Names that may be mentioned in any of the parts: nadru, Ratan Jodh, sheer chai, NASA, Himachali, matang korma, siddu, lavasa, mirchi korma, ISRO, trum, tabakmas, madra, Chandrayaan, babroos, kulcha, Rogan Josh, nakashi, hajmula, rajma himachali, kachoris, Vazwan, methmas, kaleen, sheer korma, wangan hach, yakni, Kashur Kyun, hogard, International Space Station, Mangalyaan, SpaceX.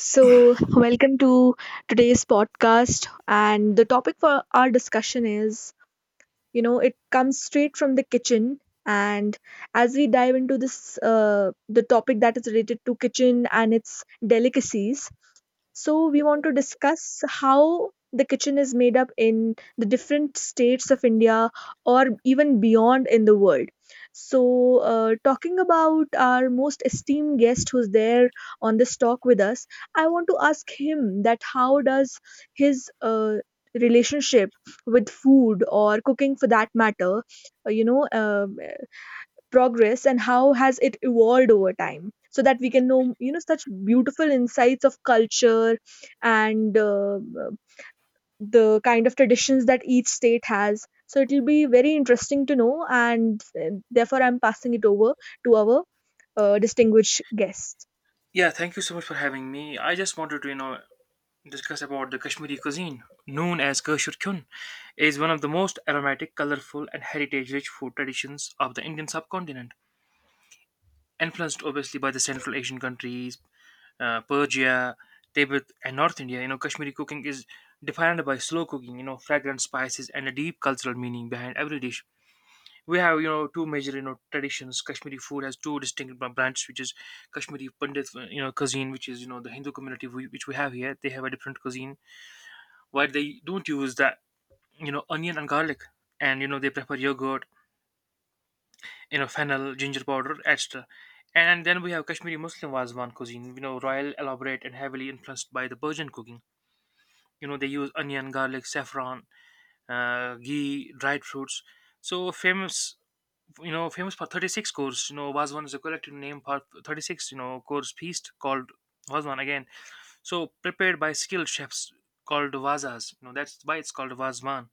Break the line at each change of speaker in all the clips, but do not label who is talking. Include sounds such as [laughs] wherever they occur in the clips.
So, welcome to today's podcast. And the topic for our discussion is it comes straight from the kitchen. And as we dive into this, the topic that is related to kitchen and its delicacies, so we want to discuss how the kitchen is made up in the different states of India or even beyond in the world. So, talking about our most esteemed guest who's there on this talk with us, I want to ask him that how does his relationship with food or cooking for that matter uh, you know um, uh, progress and how has it evolved over time so that we can know such beautiful insights of culture and uh, the kind of traditions that each state has, so it will be very interesting to know. And therefore I'm passing it over to our distinguished guest.
Yeah, thank you so much for having me. I just wanted to discuss about the Kashmiri cuisine, known as Kashur Kyun, is one of the most aromatic, colorful, and heritage-rich food traditions of the Indian subcontinent, influenced obviously by the Central Asian countries, Persia, Tibet, and North India. Kashmiri cooking is defined by slow cooking, fragrant spices, and a deep cultural meaning behind every dish we have, two major, traditions. Kashmiri food has two distinct branches, which is Kashmiri Pandit cuisine, which is the Hindu community which we have here. They have a different cuisine where they don't use that onion and garlic, and they prefer yogurt, fennel ginger powder, etc. And then we have Kashmiri Muslim Wazwan cuisine, royal, elaborate, and heavily influenced by the Persian cooking. They use onion, garlic, saffron, ghee, dried fruits, so famous, famous for 36 cores. Vazwan is a collective name for 36, cores feast called Vazwan again. So prepared by skilled chefs called Vazas. That's why it's called Vazwan.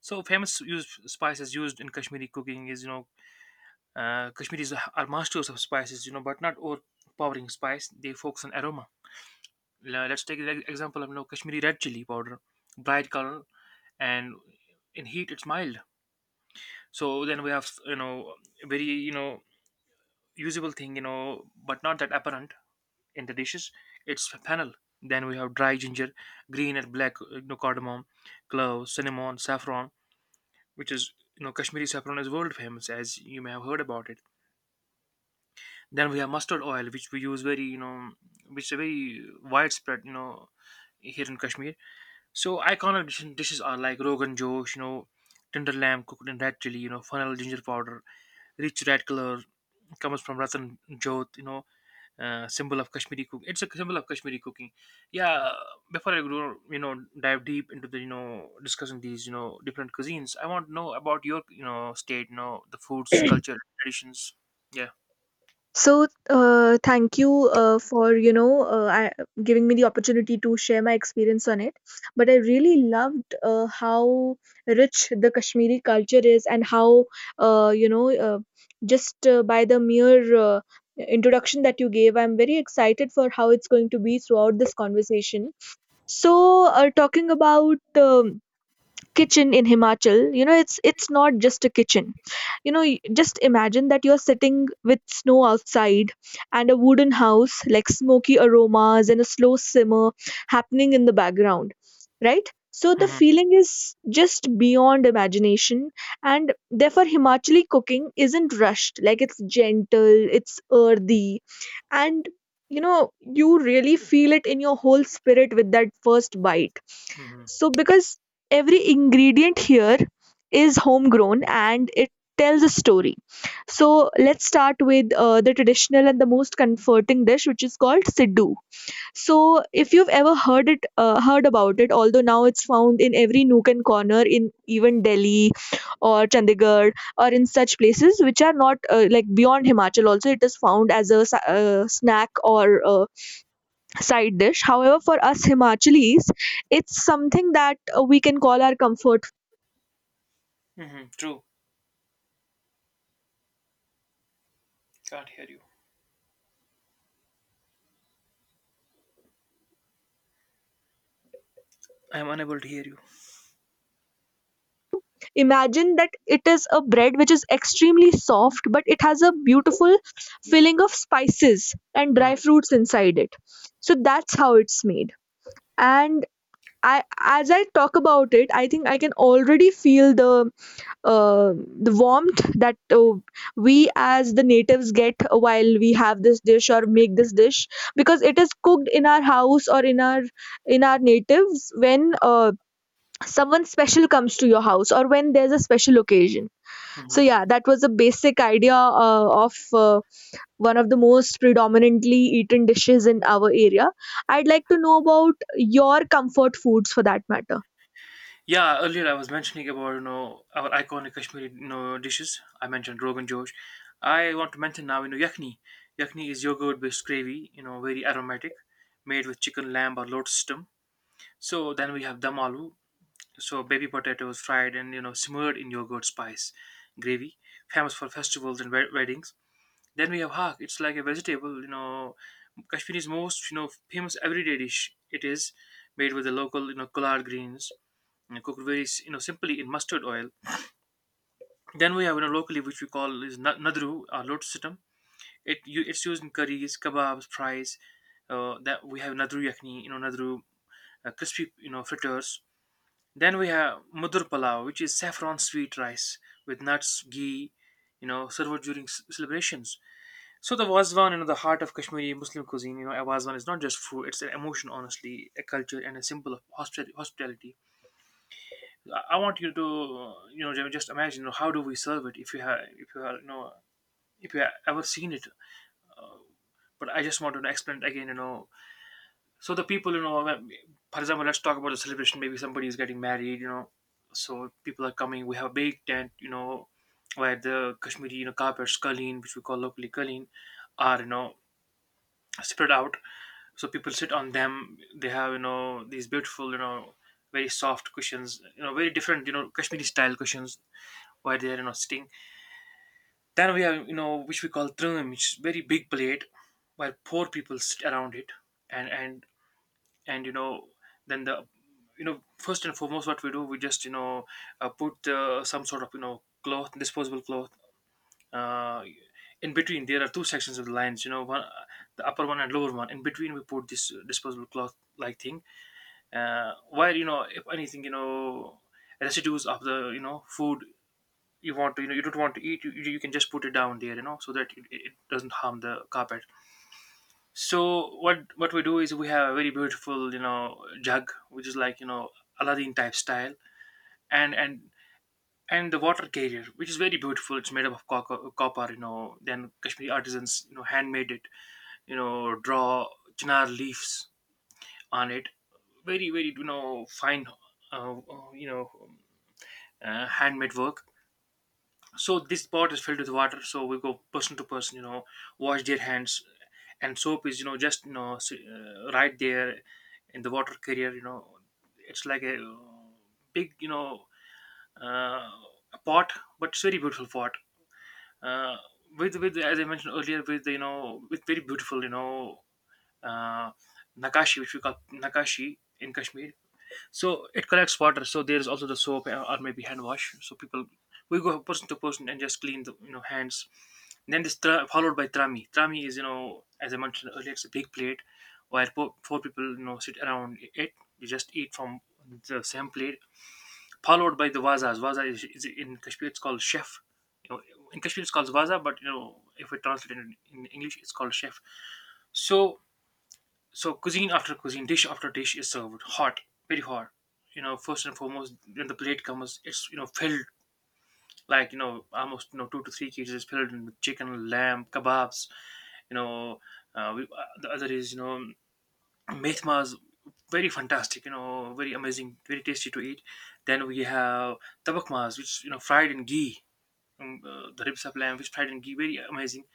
So famous used spices used in Kashmiri cooking is, Kashmiris are masters of spices, but not overpowering spice. They focus on aroma. Let's take the example of Kashmiri red chili powder, bright color, and in heat it's mild. So then we have, very, usable thing, but not that apparent in the dishes. It's a panel. Then we have dry ginger, green and black, cardamom, cloves, cinnamon, saffron, which is Kashmiri saffron is world famous as you may have heard about it. Then we have mustard oil, which we use very, which is very widespread, here in Kashmir. So iconic dishes are like Rogan Josh, tender lamb cooked in red chili, funnel ginger powder, rich red color comes from Ratan Jodh, symbol of Kashmiri cook. It's a symbol of Kashmiri cooking. Yeah, before I go, dive deep into the, discussing these, different cuisines, I want to know about your, state, the foods, culture, traditions. Yeah.
So, thank you for giving me the opportunity to share my experience on it. But I really loved how rich the Kashmiri culture is, and how uh, you know uh, just by the mere introduction that you gave, I'm very excited for how it's going to be throughout this conversation. So, talking about um kitchen in Himachal, you know, it's not just a kitchen. You know, just imagine that you're sitting with snow outside and a wooden house, like smoky aromas and a slow simmer happening in the background, right? So the
Mm-hmm.
feeling is just beyond imagination, and therefore Himachali cooking isn't rushed. Like it's gentle, it's earthy, and you really feel it in your whole spirit with that first bite,
Mm-hmm.
so because every ingredient here is homegrown and it tells a story. So let's start with the traditional and the most comforting dish, which is called siddu. So if you've ever heard about it, although now it's found in every nook and corner in even Delhi or Chandigarh or in such places which are not like beyond Himachal. Also, it is found as a snack or side dish. However, for us Himachalis, it's something that we can call our comfort.
Mm-hmm. True. Can't hear you. I am unable to hear you.
Imagine that it is a bread which is extremely soft, but it has a beautiful filling of spices and dry fruits inside it. So that's how it's made. And as I talk about it, I think I can already feel the uh, the warmth that we as the natives get while we have this dish or make this dish, because it is cooked in our house or in our natives when someone special comes to your house or when there's a special occasion. So
Mm-hmm.
yeah, that was a basic idea of one of the most predominantly eaten dishes in our area. I'd like to know about your comfort foods for that matter.
Yeah, earlier I was mentioning about our iconic Kashmiri dishes. I mentioned Rogan Josh. I want to mention now, yakni. Yakni is yogurt based gravy, very aromatic, made with chicken, lamb, or lotus stem. So then we have dum aloo. So baby potatoes fried and smeared in yogurt spice gravy, famous for festivals and weddings. Then we have haq. It's like a vegetable, Kashmiri's most famous everyday dish. It is made with the local collard greens and cooked very simply in mustard oil. Then we have locally which we call is nadru or lotus sitam. It's used in curries, kebabs, fries. That we have nadru yakni, nadru crispy fritters. Then we have mudur palau, which is saffron sweet rice with nuts, ghee, served during celebrations. So the Wazwan, the heart of Kashmiri Muslim cuisine, a Wazwan is not just food; it's an emotion, honestly, a culture, and a symbol of hospitality. I want you to, just imagine, how do we serve it if you have, you know, if you have ever seen it. But I just want to explain it again. So the people, for example, let's talk about the celebration. Maybe somebody is getting married. So people are coming. We have a big tent, where the Kashmiri, carpets, kaleen, which we call locally kaleen, are spread out. So people sit on them. They have these beautiful, very soft cushions, very different, Kashmiri style cushions where they are sitting. Then we have, which we call trum, which is very big plate where four people sit around it, and and and then the, first and foremost, what we do, we just put some sort of cloth, disposable cloth. Uh, in between, there are two sections of the lines, one the upper one and lower one. In between, we put this disposable cloth like thing, where if anything, residues of the food you don't want to eat, you can just put it down there, so that it doesn't harm the carpet. So what we do is we have a very beautiful jug which is like aladdin type style, and and and the water carrier which is very beautiful. It's made up of copper. You know then kashmiri artisans handmade it, draw chinar leaves on it, very very fine uh, uh, you know handmade work. So this pot is filled with water. So we go person to person, wash their hands, and soap is, just right there in the water carrier. It's like a big, uh, a pot, but it's very beautiful pot. Uh, with as I mentioned earlier, with with very beautiful, uh, nakashi, which we call nakashi in Kashmir. So it collects water. So there is also the soap, or maybe hand wash. So people, we go person to person and just clean the hands. Then this followed by trami. Trami is, as I mentioned earlier, it's a big plate where four people sit around it. You just eat from the same plate, followed by the wazas. Waza is, in Kashmir it's called chef. you know in Kashmir it's called waza, but if we translate it in English it's called chef. So so cuisine after cuisine, dish after dish is served hot, very hot. First and foremost, when the plate comes, it's filled like almost two to three cases is filled with chicken, lamb, kebabs. You know, we, the other is methmas, very fantastic. Very amazing, very tasty to eat. Then we have tabakmas, which fried in ghee. The ribs of lamb, which fried in ghee, very amazing.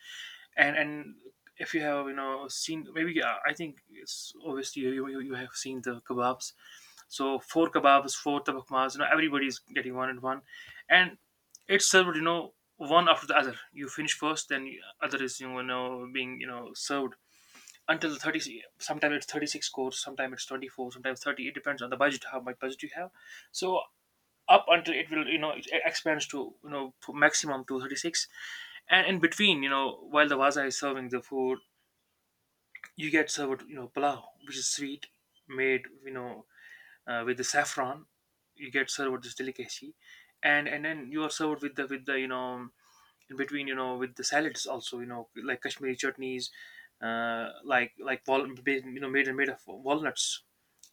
And if you have seen maybe I think it's obviously you have seen the kebabs. So four kebabs four tabakmas, everybody's getting one and one, and it's served one after the other. You finish first then other is being served until the 30, sometimes it's 36 course, sometimes it's 24, sometimes 30. It depends on the budget, how much budget you have. So up until it will, it expands to, to maximum 236. And in between, while the vaza is serving the food, you get served, palau which is sweet, made, with the saffron. You get served this delicacy, and then you are served with the in between, with the salads also, like Kashmiri chutneys, made of walnuts.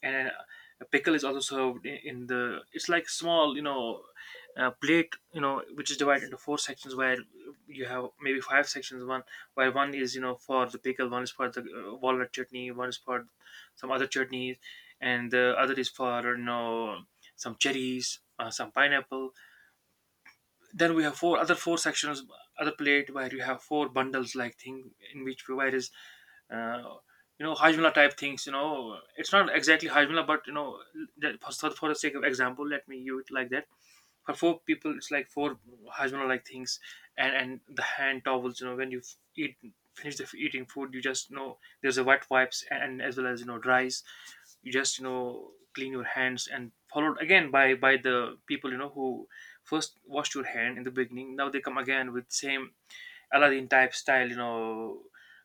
And a pickle is also served, in the, it's like small, plate, which is divided into four sections where you have maybe five sections. One, where one is, for the pickle, one is for the walnut chutney, one is for some other chutneys, and the other is for, some cherries, some pineapple. Then we have four other four sections other plate where you have four bundles like thing, in which where is uh, hajmula type things. It's not exactly hajmula, but for the sake of example let me use it like that. For four people it's like four hajmula like things. And the hand towels, when you eat finish the eating food, you just, there's a wet wipes and as well as, dries. You just, clean your hands and followed again by the people, who first washed your hand in the beginning now They come again with same Aladdin type style, you know,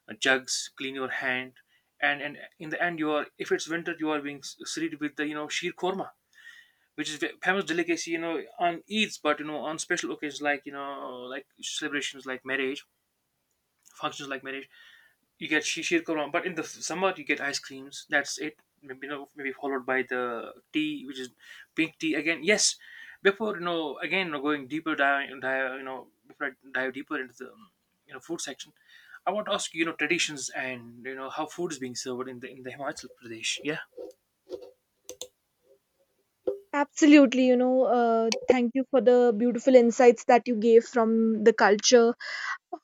jugs, clean your hand, and in the end, you are, if it's winter, you are being served with the, you know, sheer korma, which is a famous delicacy, you know, on Eids, but you know on special occasions like you know like celebrations like marriage, functions like marriage, you get shishir korma, but in the summer you get ice creams. That's it. Maybe you know, maybe followed by the tea, which is pink tea again. Yes, before you know, again you know, going deeper you know, before I dive deeper into the you know food section, I want to ask you know traditions and you know how food is being served in the Himachal Pradesh. Yeah.
Absolutely, you know, thank you for the beautiful insights that you gave from the culture.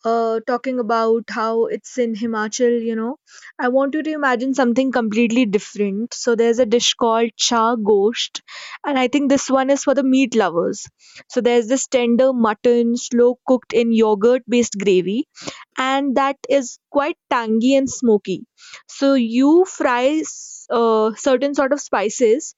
Talking about how it's in Himachal, you know, I want you to imagine something completely different. So there's a dish called cha gosht, and I think this one is for the meat lovers. So there's this tender mutton, slow cooked in yogurt based gravy, and that is quite tangy and smoky. So you fry certain sort of spices,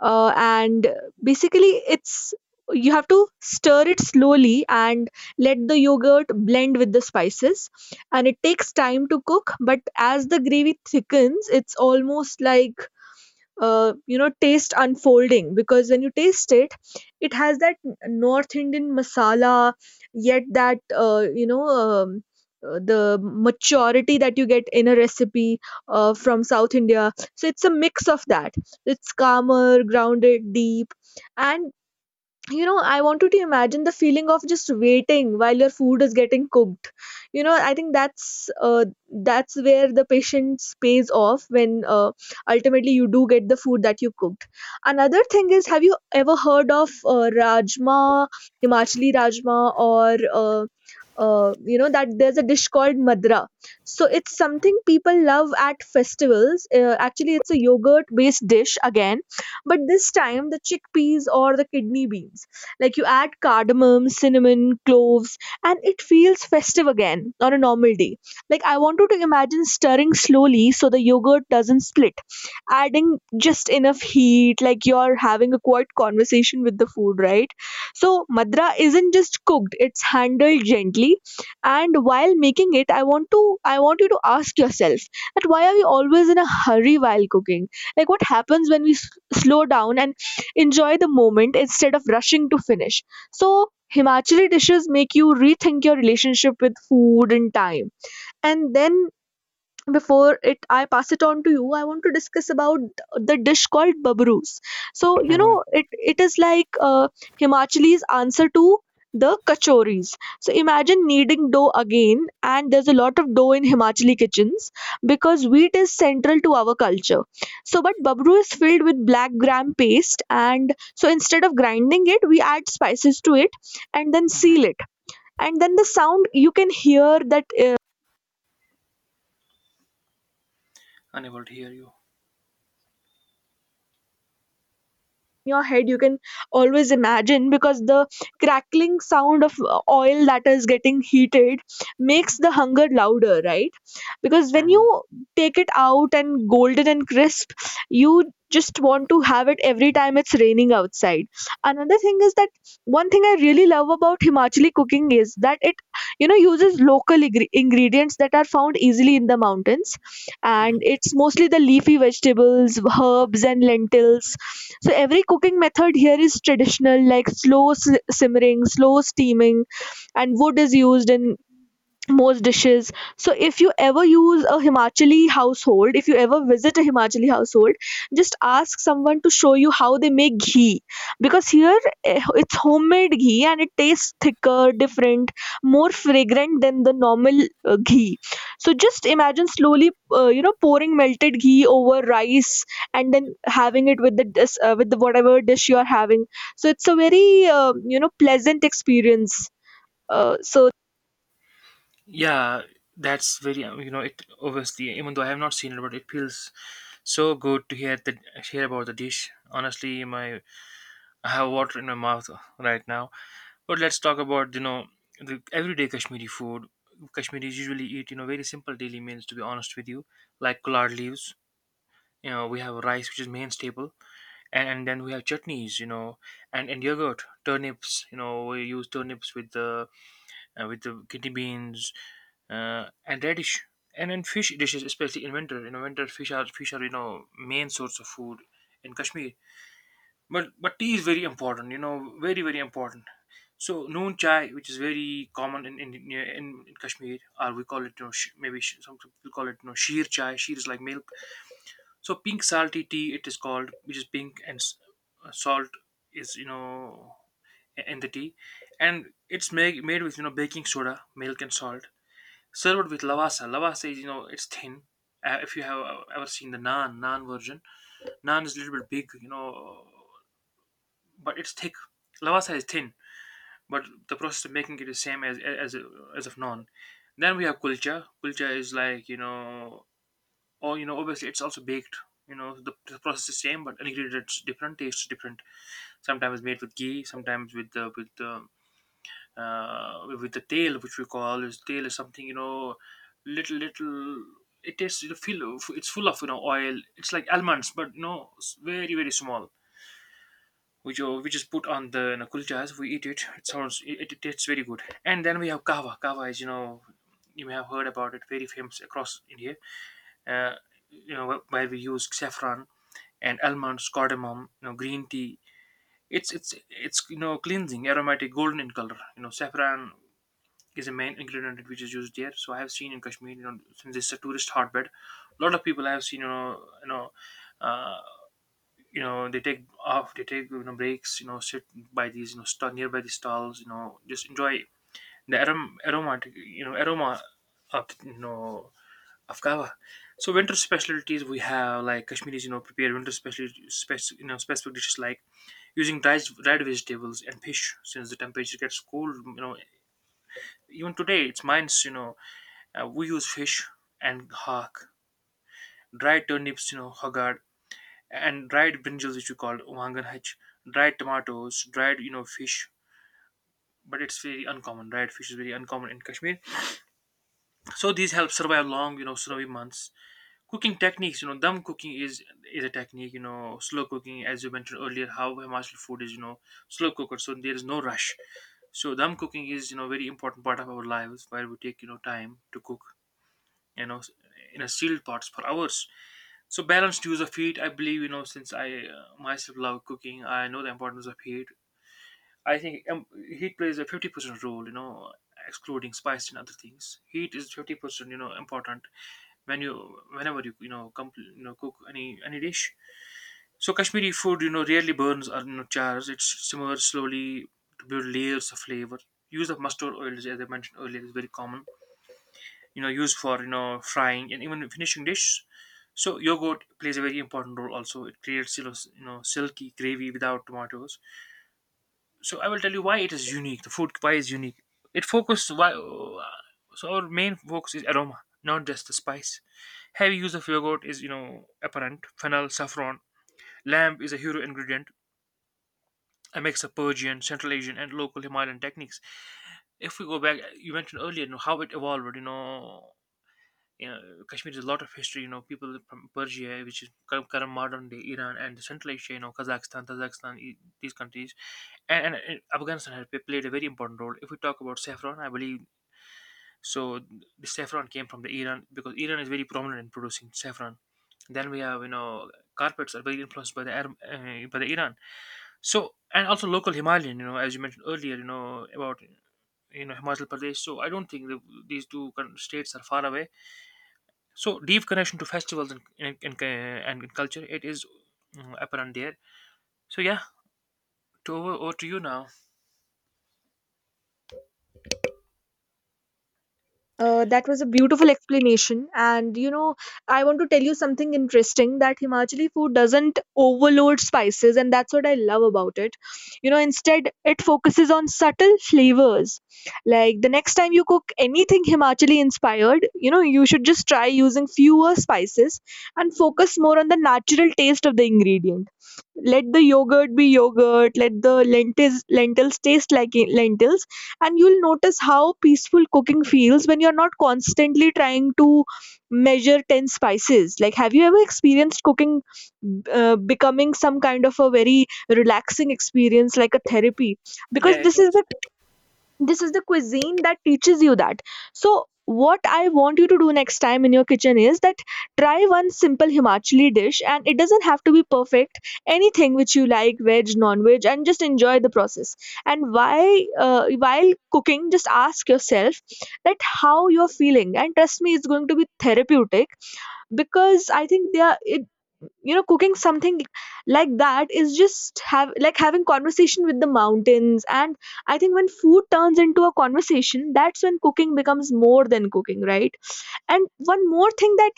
and basically it's you have to stir it slowly and let the yogurt blend with the spices, and it takes time to cook, but as the gravy thickens it's almost like you know, taste unfolding, because when you taste it has that North Indian masala yet that the maturity that you get in a recipe from South India. So it's a mix of that. It's calmer, grounded, deep. And you know, I want you to imagine the feeling of just waiting while your food is getting cooked. You know, I think that's that's where the patience pays off, when ultimately you do get the food that you cooked. Another thing is, have you ever heard of rajma, Himachali rajma, or uh, you know that there's a dish called madra? So it's something people love at festivals. Actually, it's a yogurt based dish again, but this time the chickpeas or the kidney beans. Like you add cardamom, cinnamon, cloves, and it feels festive again on a normal day. Like, I want you to imagine stirring slowly so the yogurt doesn't split, adding just enough heat, like you're having a quiet conversation with the food, right? So madra isn't just cooked, it's handled gently. And while making it, I want you to ask yourself, that why are we always in a hurry while cooking? Like, what happens when we slow down and enjoy the moment instead of rushing to finish? So Himachali dishes make you rethink your relationship with food and time. And then, before it, I pass it on to you, I want to discuss about the dish called babroos. So you
Mhm.
know, it is like Himachali's answer to the kachoris. So imagine kneading dough again, and there's a lot of dough in Himachali kitchens because wheat is central to our culture. So, but babroo is filled with black gram paste, and so instead of grinding it, we add spices to it and then
Hmm.
seal it. And then the sound you can hear that
Unable to hear you.
your head, you can always imagine, because the crackling sound of oil that is getting heated makes the hunger louder, right? Because when
Hmm.
you take it out and golden and crisp, you just want to have it every time it's raining outside. Another thing is that one thing I really love about Himachali cooking is that it, you know, uses local ingredients that are found easily in the mountains, and it's mostly the leafy vegetables, herbs, and lentils. So every cooking method here is traditional, like slow simmering, slow steaming, and wood is used in most dishes. So if you ever use a Himachali household, if you ever visit a Himachali household, just ask someone to show you how they make ghee. Because here it's homemade ghee, and it tastes thicker, different, more fragrant than the normal ghee. So just imagine slowly, you know, pouring melted ghee over rice and then having it with the with the whatever dish you are having. So it's a very you know, pleasant experience. Uh, so
Yeah, that's very you know, it obviously, even though I have not seen it, but it feels so good to hear that, hear about the dish. Honestly, my, I have water in my mouth right now. But let's talk about, you know, the everyday Kashmiri food. Kashmiris usually eat, you know, very simple daily meals. To be honest with you, like collard leaves. You know, we have rice, which is main staple, and then we have chutneys. You know, and yogurt, turnips. You know, we use turnips with the kidney beans, and radish. And then fish dishes, especially in winter. You know, winter fish are, fish are you know, main source of food in Kashmir. But tea is very important. You know, very important. So noon chai, which is very common in in Kashmir, or we call it, you know, some people call it, you know, sheer chai. Sheer is like milk. So pink salty tea, it is called, which is pink and salt is, you know, in the tea, and it's made with, you know, baking soda, milk and salt, served with lavasa. Lavasa is, you know, it's thin. If you have ever seen the naan version, naan is a little bit big, you know, but it's thick. Lavasa is thin, but the process of making it is same as as of naan. Then we have kulcha. Kulcha is like you know, or you know, obviously it's also baked. You know, the process is same, but ingredients different, taste different. Sometimes made with ghee, sometimes with the with the with the tail, which we call is, tail is something, you know, little. It tastes, you feel it's full of, you know, oil. It's like almonds, but you know very very small. Which is put on the, you know, kulchas. We eat it. It sounds, it tastes very good. And then we have kava. Kava is, you know, you may have heard about it. Very famous across India. Uh, you know, where we use saffron and almonds, cardamom, you know, green tea. It's it's you know cleansing, aromatic, golden in color. You know, saffron is a main ingredient which is used there. So I have seen in Kashmir, you know, since it's a tourist hotbed, a lot of people I have seen, you know, you know, uh, you know, they take off, they take, you know, breaks, you know, sit by these, you know, stall, nearby these stalls, you know, just enjoy the aromatic, you know, aroma of, you know, of kava. So winter specialties we have, like Kashmiris, you know, prepare winter special, you know, specific dishes like using dried vegetables and fish, since the temperature gets cold, you know, even today it's minus, you know, we use fish and hawk, dried turnips, you know, hogard, and dried brinjals, which we call wangan hach, dried tomatoes, dried, you know, fish. But it's very uncommon. Dried fish is very uncommon in Kashmir. So these help survive long, you know, snowy months. Cooking techniques, you know, dum cooking is a technique, you know, slow cooking, as you mentioned earlier, how Himachal food is, you know, slow cooker, so there is no rush. So dum cooking is, you know, very important part of our lives, where we take, you know, time to cook, you know, in a sealed pots for hours. So balanced use of heat, I believe, you know, since I, myself love cooking, I know the importance of heat. I think heat plays a 50% role, you know, excluding spice and other things. Heat is 50%, you know, important when you, whenever you, you know, you know, cook any dish. So Kashmiri food, you know, rarely burns or, you know, chars. It simmers slowly to build layers of flavor. Use of mustard oil, as I mentioned earlier, is very common, you know, used for, you know, frying and even finishing dishes. So yogurt plays a very important role also. It creates, you know, you know, silky gravy without tomatoes. So I will tell you why it is unique, the food, why is unique, it focuses why. So our main focus is aroma, not just the spice. Heavy use of yogurt is, you know, apparent, fennel, saffron. Lamb is a hero ingredient. A mix of Persian, Central Asian and local Himalayan techniques. If we go back, you mentioned earlier, you know, how it evolved, you know, you know, Kashmir is a lot of history. You know, people from Persia, which is current modern day Iran, and Central Asia, you know, Kazakhstan, these countries, and, and Afghanistan has played a very important role. If we talk about saffron, I believe so. The saffron came from the Iran, because Iran is very prominent in producing saffron. Then we have, you know, carpets are very influenced by the Arab, by the Iran. So and also local Himalayan, you know, as you mentioned earlier, you know, about you know Himachal Pradesh. So I don't think these two states are far away. So deep connection to festivals and and culture, it is, mm, apparent there. So yeah, to over to you now.
That was a beautiful explanation. And you know, I want to tell you something interesting, that Himachali food doesn't overload spices, and that's what I love about it. You know, instead, it focuses on subtle flavors. Like, the next time you cook anything Himachali inspired, you know, you should just try using fewer spices and focus more on the natural taste of the ingredients. Let the yogurt be yogurt, let the lentils lentils taste like lentils, and you'll notice how peaceful cooking feels when you're not constantly trying to measure 10 spices. Like, have you ever experienced cooking becoming some kind of a very relaxing experience, like a therapy? Because
Yeah, it
this is
is.
this is the cuisine that teaches you that. So what I want you to do next time in your kitchen is that, try one simple Himachali dish, and it doesn't have to be perfect. Anything which you like, veg, non veg, and just enjoy the process. And why, while cooking, just ask yourself that how you're feeling, and trust me, it's going to be therapeutic. Because I think they are it you know cooking something like that is just have like having conversation with the mountains. And I think when food turns into a conversation, that's when cooking becomes more than cooking, right? And one more thing, that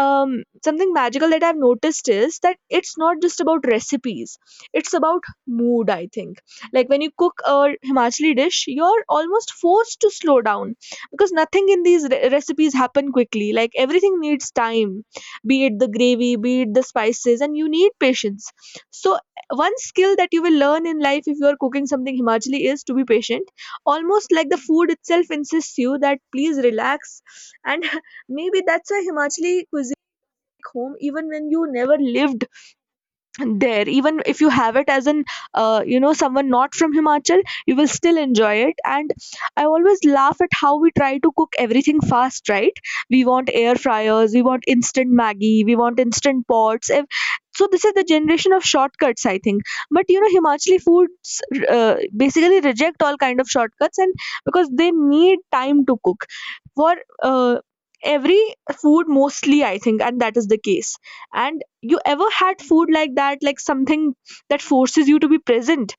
something magical that I've noticed is that it's not just about recipes, it's about mood, I think. Like when you cook a Himachali dish, you're almost forced to slow down, because nothing in these recipes happen quickly. Like everything needs time, be it the gravy, be it the spices, and you need patience. So one skill that you will learn in life if you are cooking something Himachali is to be patient, almost like the food itself insists you that please relax. And maybe that's a Himachali cuisine home, even when you never lived there. Even if you have it as an you know, someone not from Himachal, you will still enjoy it. And I always laugh at how we try to cook everything fast, right? We want air fryers, we want instant Maggie, we want instant pots, so this is the generation of shortcuts, I think. But you know, Himachali foods basically reject all kind of shortcuts, and because they need time to cook for uh, every food, mostly, I think, and that is the case. And you ever had food like that, like something that forces you to be present?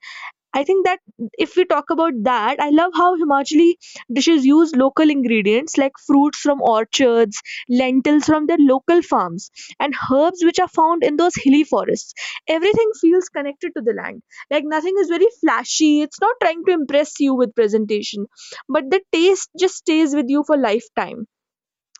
I think that if we talk about that, I love how Himachali dishes use local ingredients like fruits from orchards, lentils from their local farms, and herbs which are found in those hilly forests. Everything feels connected to the land. Like nothing is very flashy, it's not trying to impress you with presentation, but the taste just stays with you for lifetime.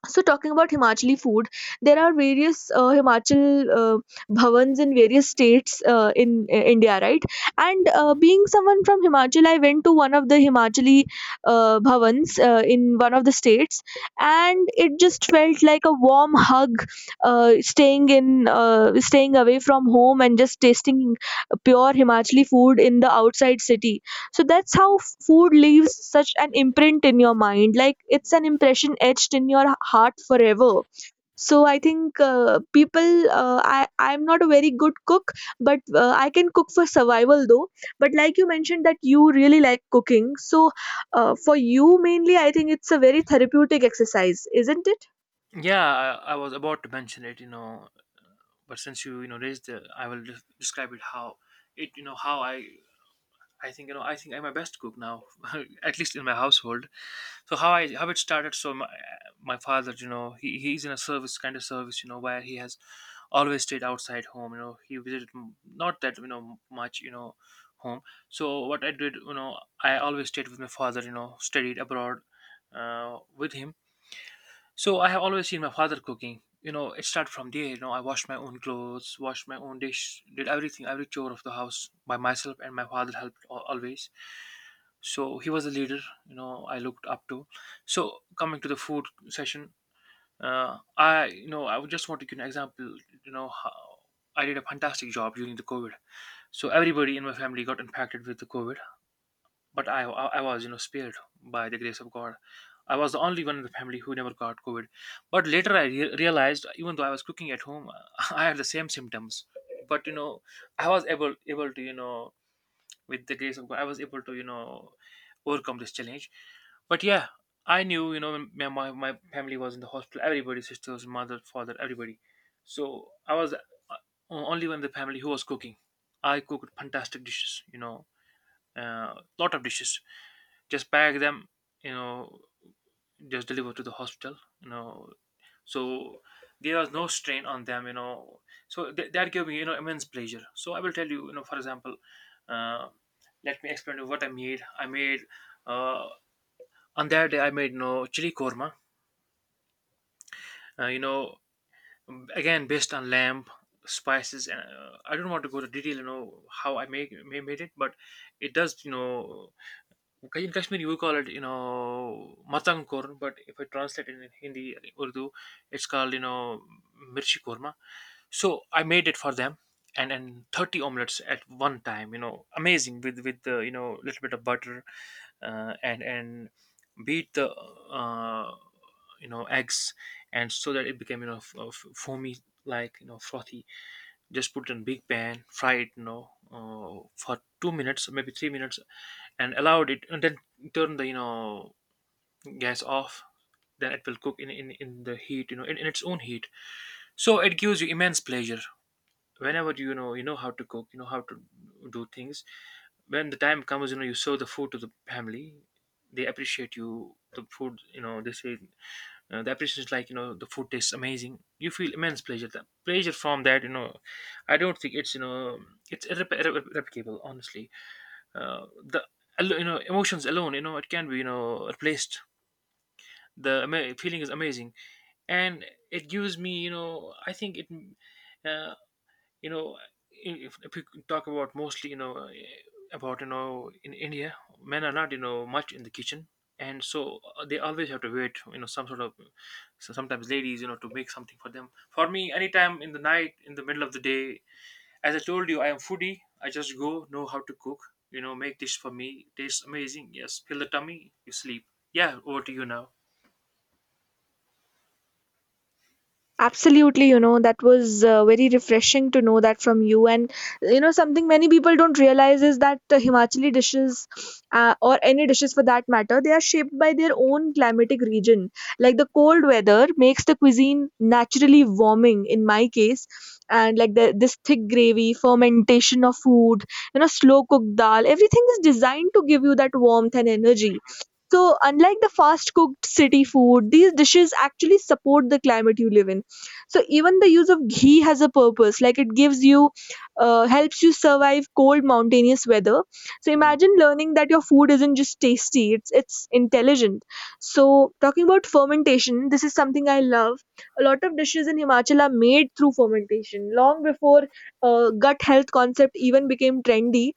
So talking about Himachali food, there are various Himachal bhavans in various states in India, right? And
Mhm.
being someone from Himachal, I went to one of the Himachali bhavans in one of the states, and it just felt like a warm hug. Staying in, staying away from home, and just tasting pure Himachali food in the outside city. So that's how food leaves such an imprint in your mind, like it's an impression etched in your heart forever. So I think people, I'm not a very good cook, but I can cook for survival though. But like you mentioned that you really like cooking, so for you, mainly, I think it's a very therapeutic exercise, isn't it?
Yeah, I was about to mention it, you know, but since you know, raised the, I will describe it, how it, you know, how I think you know. I think I'm a best cook now, [laughs] at least in my household. So how I, how it started. So my father, you know, he's in a service, kind of service, you know, where he has always stayed outside home. You know, he visited not that you know much, you know, home. So what I did, you know, I always stayed with my father. You know, studied abroad with him, so I have always seen my father cooking. You know, it started from there. You know, I washed my own clothes, washed my own dish, did everything, every chore of the house by myself, and my father helped always. So he was the leader. You know, I looked up to. So coming to the food session, I, you know, I would just want to give an example. You know, how I did a fantastic job during the COVID. So everybody in my family got impacted with the COVID. But I was, you know, spared by the grace of God. I was the only one in the family who never got COVID. But later I realized, even though I was cooking at home, [laughs] I had the same symptoms. But you know, I was able to, you know, with the grace of God, I was able to, you know, overcome this challenge. But yeah, I knew, you know, my family was in the hospital. Everybody, sisters, mother, father, everybody. So I was only one in the family who was cooking. I cooked fantastic dishes, you know, uh, lot of dishes, just pack them, you know, just deliver to the hospital, you know. So there was no strain on them, you know. So that gave me, you know, immense pleasure. So I will tell you, you know, for example, uh, let me explain to you what I made. I made, uh, on that day, I made, you know, chili korma, you know, again based on lamb, spices, and I don't want to go to detail, you know, how I made it, but it does, you know. Okay, in Kashmiri we call it, you know, matang korma, but if I translate it in Hindi, Urdu, it's called, you know, mirchi korma. So I made it for them, and 30 omelets at one time, you know, amazing with the, you know, little bit of butter, and beat the, uh, you know, eggs, and so that it became, you know, foamy, like you know frothy, just put it in big pan, fry it, you know, for 2 minutes, maybe 3 minutes, and allow it, and then turn the, you know, gas off. Then it will cook in, in the heat, you know, in its own heat. So it gives you immense pleasure whenever, you know, you know how to cook, you know how to do things. When the time comes, you know, you serve the food to the family. They appreciate you the food. You know, they say, the appreciation is like, you know, the food tastes amazing, you feel immense pleasure, the pleasure from that, you know, I don't think it's, you know, it's irreplicable, honestly. The, you know, emotions alone, you know, it can be, you know, replaced. The feeling is amazing. And it gives me, you know, I think it, uh, you know, if you talk about mostly, you know, about, you know, in India, men are not, you know, much in the kitchen. And so they always have to wait, you know, some sort of, so sometimes ladies, you know, to make something for them, for me, anytime in the night, in the middle of the day. As I told you, I am foodie, I just go know how to cook, you know, make dish for me, tastes amazing, yes, fill the tummy, you sleep. Yeah, over to you now.
Absolutely, you know, that was very refreshing to know that from you. And, you know, something many people don't realize is that the Himachali dishes, or any dishes for that matter, they are shaped by their own climatic region. Like the cold weather makes the cuisine naturally warming in my case. And like this thick gravy, fermentation of food, you know, slow cooked dal, everything is designed to give you that warmth and energy. So, unlike the fast cooked city food, these dishes actually support the climate you live in. So even the use of ghee has a purpose. Like it gives you, helps you survive cold mountainous weather. So
Mhm.
imagine learning that your food isn't just tasty, it's intelligent. So talking about fermentation, this is something I love. A lot of dishes in Himachal are made through fermentation long before gut health concept even became trendy.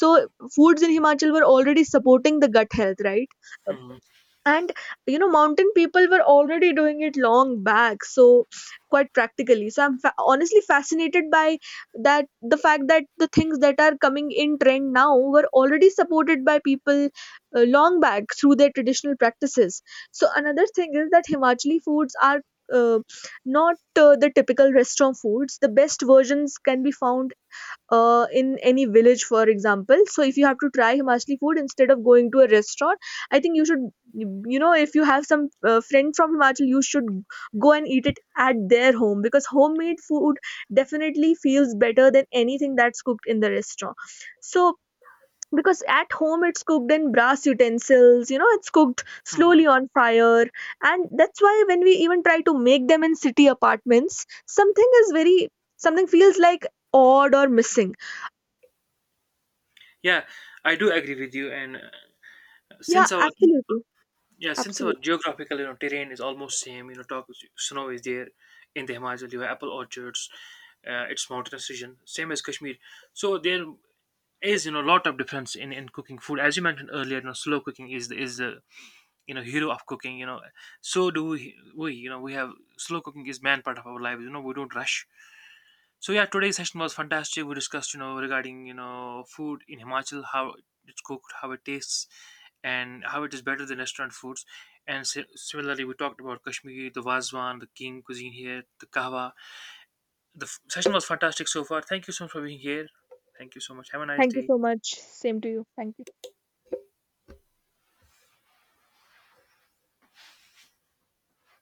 So foods in Himachal were already supporting the gut health, right?
Mhm.
And you know, mountain people were already doing it long back, so quite practically. So I'm honestly fascinated by that, the fact that the things that are coming in trend now were already supported by people long back through their traditional practices. So another thing is that Himachali foods are, uh, not the typical restaurant foods. The best versions can be found in any village, for example. So if you have to try Himachali food, instead of going to a restaurant, I think you should, you know, if you have some friend from Himachal, you should go and eat it at their home, because homemade food definitely feels better than anything that's cooked in the restaurant. So because at home it's cooked in brass utensils, you know, it's cooked
Mhm.
slowly on fire, and that's why when we even try to make them in city apartments, something is very, something feels like odd or missing.
Yeah, I do agree with you. And
Yeah,
since our,
absolutely.
yeah, since our
Absolutely.
geographical, you know, terrain is almost same, you know, talk, snow is there in the Himachal, you have apple orchards, it's mountainous region, same as Kashmir. So there is, you know, a lot of difference in cooking food. As you mentioned earlier, you know, slow cooking is the, you know, hero of cooking, you know. So do we, you know, we have, slow cooking is man part of our lives, you know, we don't rush. So yeah, today's session was fantastic. We discussed, you know, regarding, you know, food in Himachal, how it's cooked, how it tastes, and how it is better than restaurant foods. And similarly, we talked about Kashmir, the Wazwan, the king cuisine here, the kahwa. The session was fantastic so far. Thank you so much for being here. Thank you so much. Have a nice
Thank you
day.
so much. Same to you. Thank you.